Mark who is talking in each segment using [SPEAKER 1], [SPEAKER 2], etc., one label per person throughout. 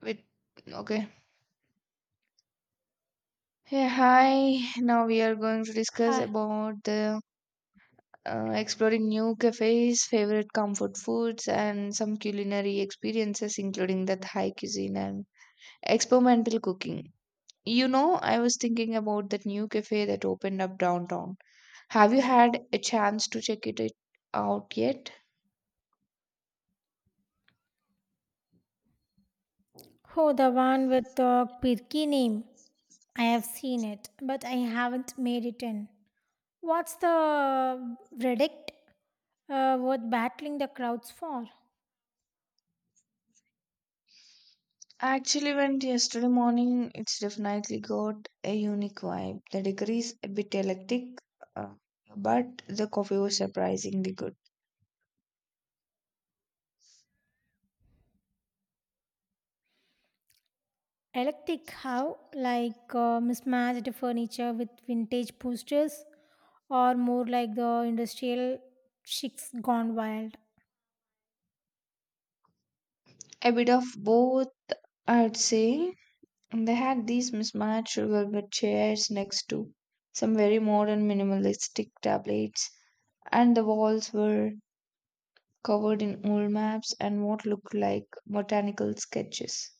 [SPEAKER 1] With, okay, hey, hi. Now we are going to discuss
[SPEAKER 2] Hi.
[SPEAKER 1] about the exploring new cafes, favorite comfort foods, and some culinary experiences, including that high cuisine and experimental cooking. You know, I was thinking about that new cafe that opened up downtown. Have you had a chance to check it out yet?
[SPEAKER 2] Oh, the one with the quirky name. I have seen it, but I haven't made it in. What's the verdict? Worth battling the crowds for?
[SPEAKER 1] I actually went yesterday morning. It's definitely got a unique vibe. The degree is a bit electric, uh, but the coffee was surprisingly good.
[SPEAKER 2] Electric, how? Like mismatched furniture with vintage posters, or more like the industrial chicks gone wild?
[SPEAKER 1] A bit of both, I'd say. And they had these mismatched sugar with chairs next to some very modern minimalistic tablets, and the walls were covered in old maps and what looked like botanical sketches.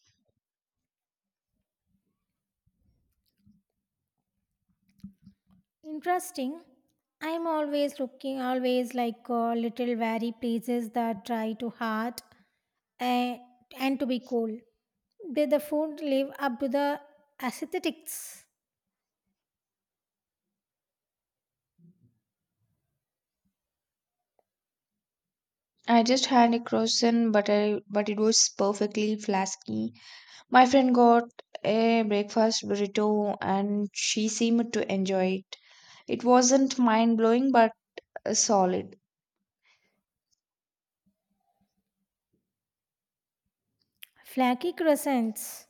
[SPEAKER 2] Interesting. I'm always looking, always like little wary places that try too hard and, and to be cool. Did the food live up to the aesthetics?
[SPEAKER 1] I just had a croissant, but it was perfectly flasky. My friend got a breakfast burrito and she seemed to enjoy it. It wasn't mind blowing but solid.
[SPEAKER 2] Flaky crescents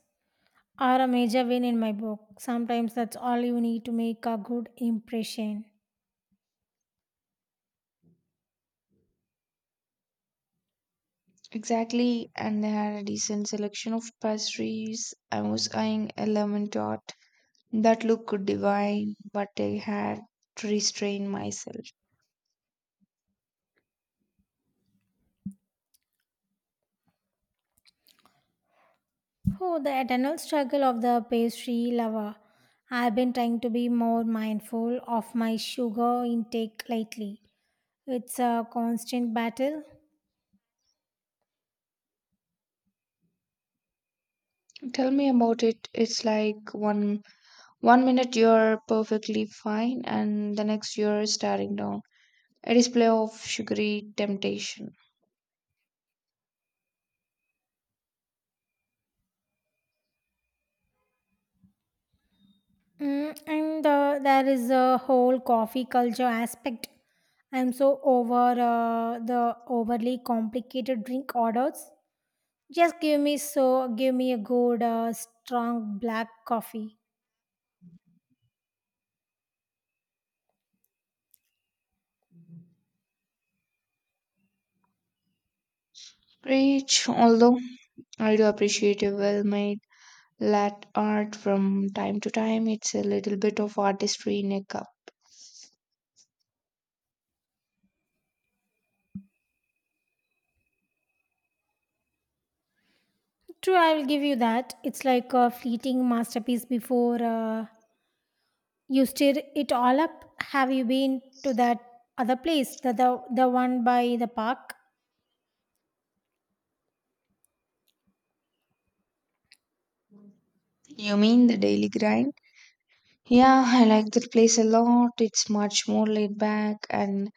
[SPEAKER 2] are a major win in my book. Sometimes that's all you need to make a good impression.
[SPEAKER 1] Exactly, and they had a decent selection of pastries. I was eyeing a lemon tart that looked divine, but I had to restrain myself.
[SPEAKER 2] Oh, the eternal struggle of the pastry lover. I've been trying to be more mindful of my sugar intake lately. It's a constant battle.
[SPEAKER 1] Tell me about it. It's like one minute you're perfectly fine, and the next you're staring down a display of sugary temptation.
[SPEAKER 2] Mm, and There is a whole coffee culture aspect. I'm so over the overly complicated drink orders. Just give me so Give me a good strong black coffee.
[SPEAKER 1] Rich, although I do appreciate a well made lat art from time to time. It's a little bit of artistry in a cup.
[SPEAKER 2] True, I will give you that. It's like a fleeting masterpiece before you stir it all up. Have you been to that other place, the one by the park?
[SPEAKER 1] You mean the daily grind? Yeah, I like that place a lot. It's much more laid back and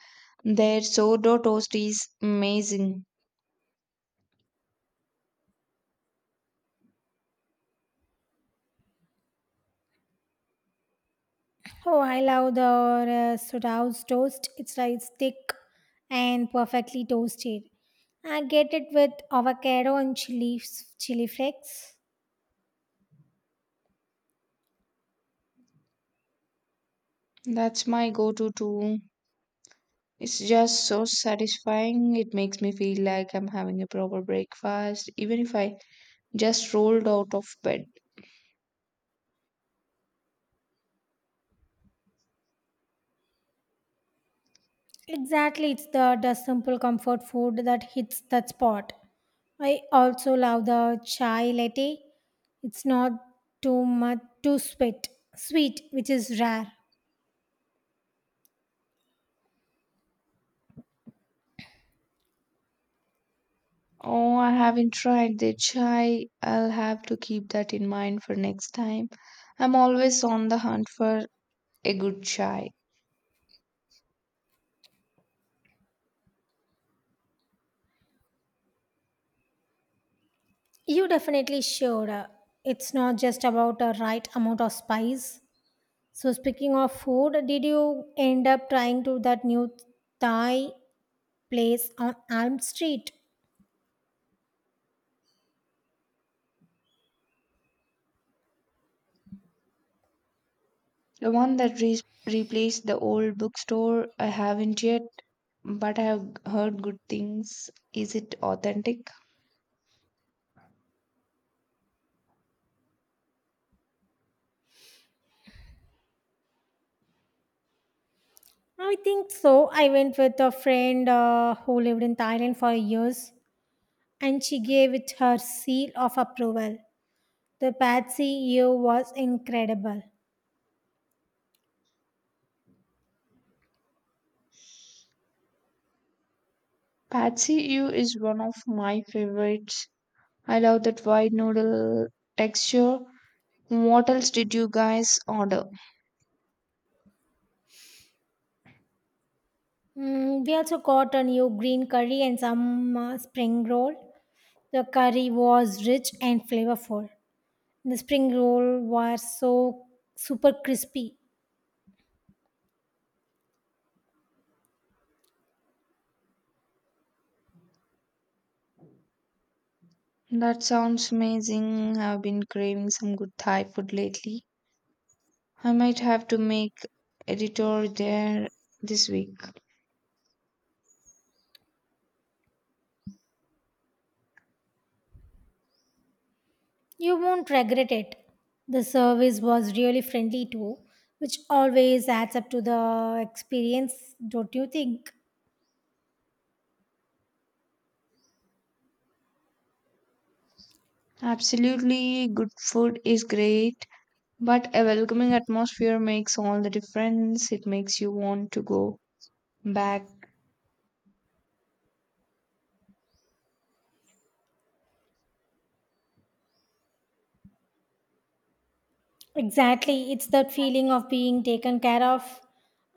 [SPEAKER 1] their sourdough toast is amazing.
[SPEAKER 2] Oh, I love the Sudhaus toast. It's like it's thick and perfectly toasted. I get it with avocado and chili flakes.
[SPEAKER 1] That's my go to too. It's just so satisfying. It makes me feel like I'm having a proper breakfast, even if I just rolled out of bed.
[SPEAKER 2] Exactly, it's the simple comfort food that hits that spot. I also love the chai latte. It's not too much too sweet, which is rare.
[SPEAKER 1] Oh, I haven't tried the chai. I'll have to keep that in mind for next time. I'm always on the hunt for a good chai.
[SPEAKER 2] You definitely should. It's not just about the right amount of spice. So speaking of food, did you end up trying to that new Thai place on Elm Street?
[SPEAKER 1] The one that replaced the old bookstore, I haven't yet, but I've heard good things. Is it authentic?
[SPEAKER 2] I think so. I went with a friend who lived in Thailand for years, and she gave it her seal of approval. The pad see ew was incredible.
[SPEAKER 1] Patsy Ew is one of my favorites. I love that white noodle texture. What else did you guys order?
[SPEAKER 2] We also got a new green curry and some spring roll. The curry was rich and flavorful. The spring roll was so super crispy.
[SPEAKER 1] That sounds amazing. I've been craving some good Thai food lately. I might have to make editor there this week.
[SPEAKER 2] You won't regret it. The service was really friendly too, which always adds up to the experience, don't you think?
[SPEAKER 1] Absolutely, good food is great, but a welcoming atmosphere makes all the difference. It makes you want to go back.
[SPEAKER 2] Exactly, it's that feeling of being taken care of.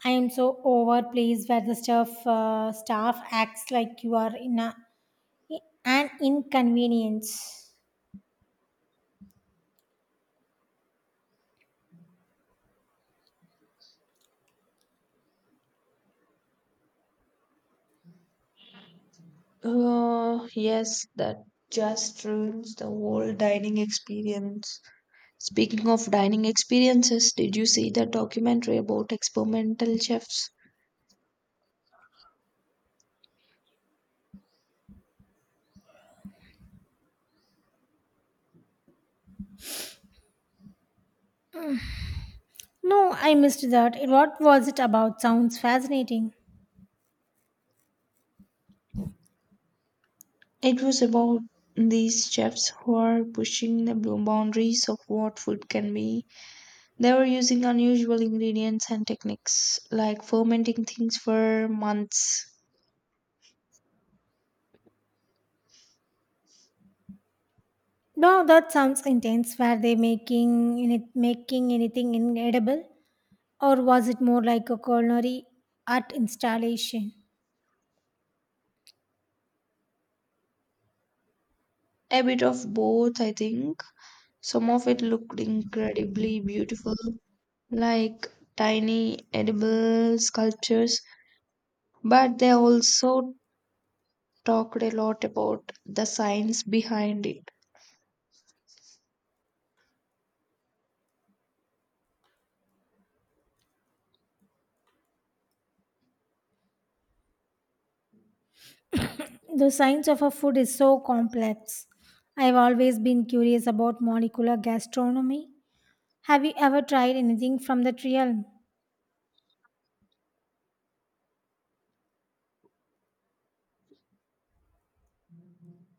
[SPEAKER 2] I am so overpleased where the staff acts like you are in an inconvenience.
[SPEAKER 1] Oh, yes, that just ruins the whole dining experience. Speaking of dining experiences, did you see the documentary about experimental chefs?
[SPEAKER 2] No, I missed that. It- What was it about? Sounds fascinating.
[SPEAKER 1] It was about these chefs who are pushing the boundaries of what food can be. They were using unusual ingredients and techniques, like fermenting things for months.
[SPEAKER 2] No, that sounds intense. Were they making anything inedible? Or was it more like a culinary art installation?
[SPEAKER 1] A bit of both, I think. Some of it looked incredibly beautiful, like tiny edible sculptures, but they also talked a lot about the science behind it.
[SPEAKER 2] The science of a food is so complex. I've always been curious about molecular gastronomy. Have you ever tried anything from that realm?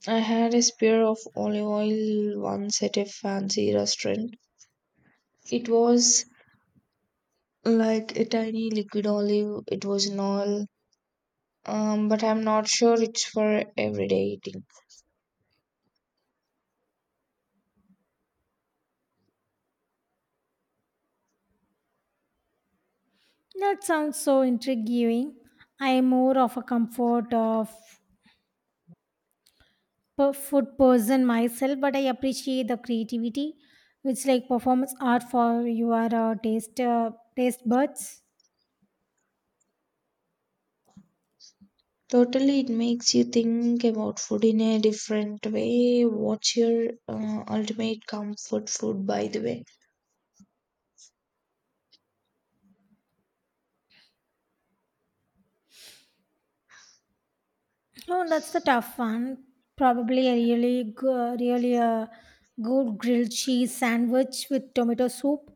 [SPEAKER 1] I had a spear of olive oil once at a fancy restaurant. It was like a tiny liquid olive, it was an all but I'm not sure it's for everyday eating.
[SPEAKER 2] That sounds so intriguing. I am more of a food person myself, but I appreciate the creativity. Which, like performance art for your taste buds.
[SPEAKER 1] Totally, it makes you think about food in a different way. What's your ultimate comfort food, by the way?
[SPEAKER 2] Oh, that's the tough one. Probably a really good grilled cheese sandwich with tomato soup.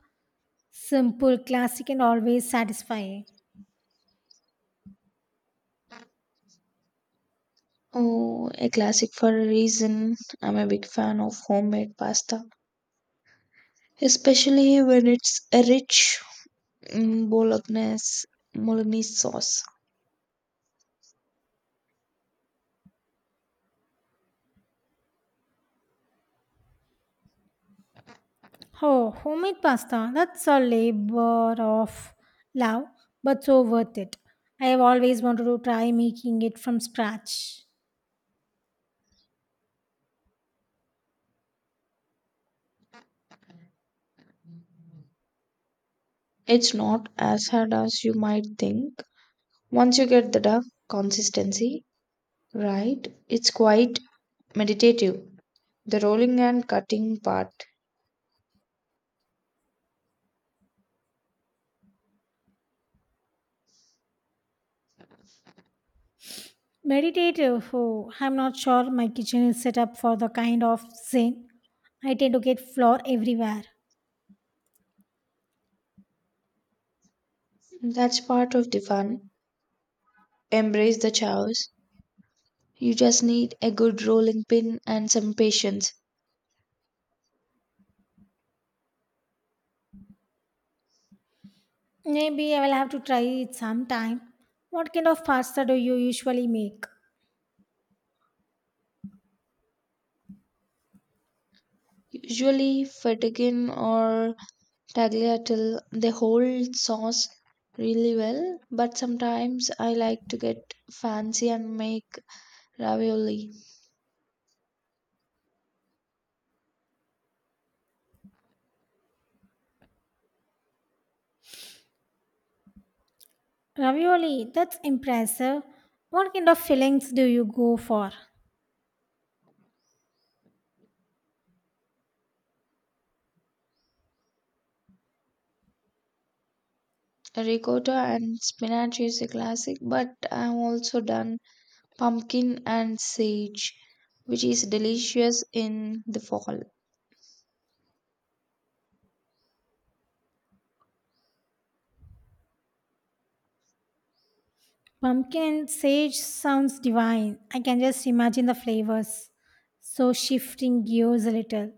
[SPEAKER 2] Simple, classic, and always satisfying.
[SPEAKER 1] Oh, a classic for a reason. I'm a big fan of homemade pasta, especially when it's a rich mm, bolognese, bolognese sauce.
[SPEAKER 2] Oh, homemade pasta. That's a labor of love, but so worth it. I have always wanted to try making it from scratch.
[SPEAKER 1] It's not as hard as you might think. Once you get the duck consistency right, it's quite meditative. The rolling and cutting part.
[SPEAKER 2] Meditative. Oh, I'm not sure my kitchen is set up for the kind of zen. I tend to get flour everywhere.
[SPEAKER 1] That's part of the fun. Embrace the chaos. You just need a good rolling pin and some patience.
[SPEAKER 2] Maybe I will have to try it sometime. What kind of pasta do you usually make?
[SPEAKER 1] Usually, fettuccine or tagliatelle, they hold sauce really well, but sometimes I like to get fancy and make ravioli.
[SPEAKER 2] Ravioli, that's impressive. What kind of fillings do you go for?
[SPEAKER 1] Ricotta and spinach is a classic, but I've also done pumpkin and sage, which is delicious in the fall.
[SPEAKER 2] Pumpkin sage sounds divine. I can just imagine the flavors. So, shifting gears a little,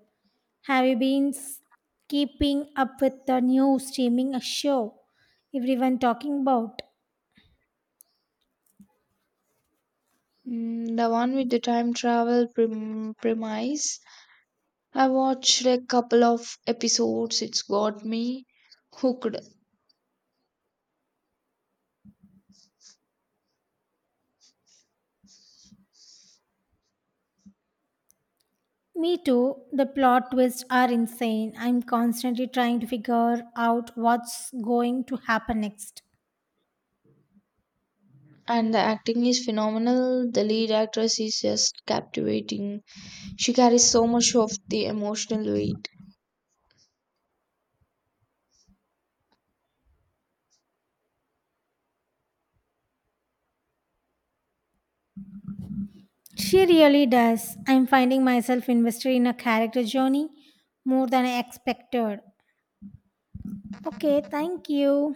[SPEAKER 2] have you been keeping up with the new streaming show everyone talking about?
[SPEAKER 1] Mm, the one with the time travel premise. I watched a couple of episodes. It's got me hooked,
[SPEAKER 2] Me too. The plot twists are insane. I'm constantly trying to figure out what's going to happen next.
[SPEAKER 1] and the acting is phenomenal. The lead actress is just captivating. She carries so much of the emotional weight.
[SPEAKER 2] She really does. I'm finding myself invested in a character journey more than I expected. Okay, thank you.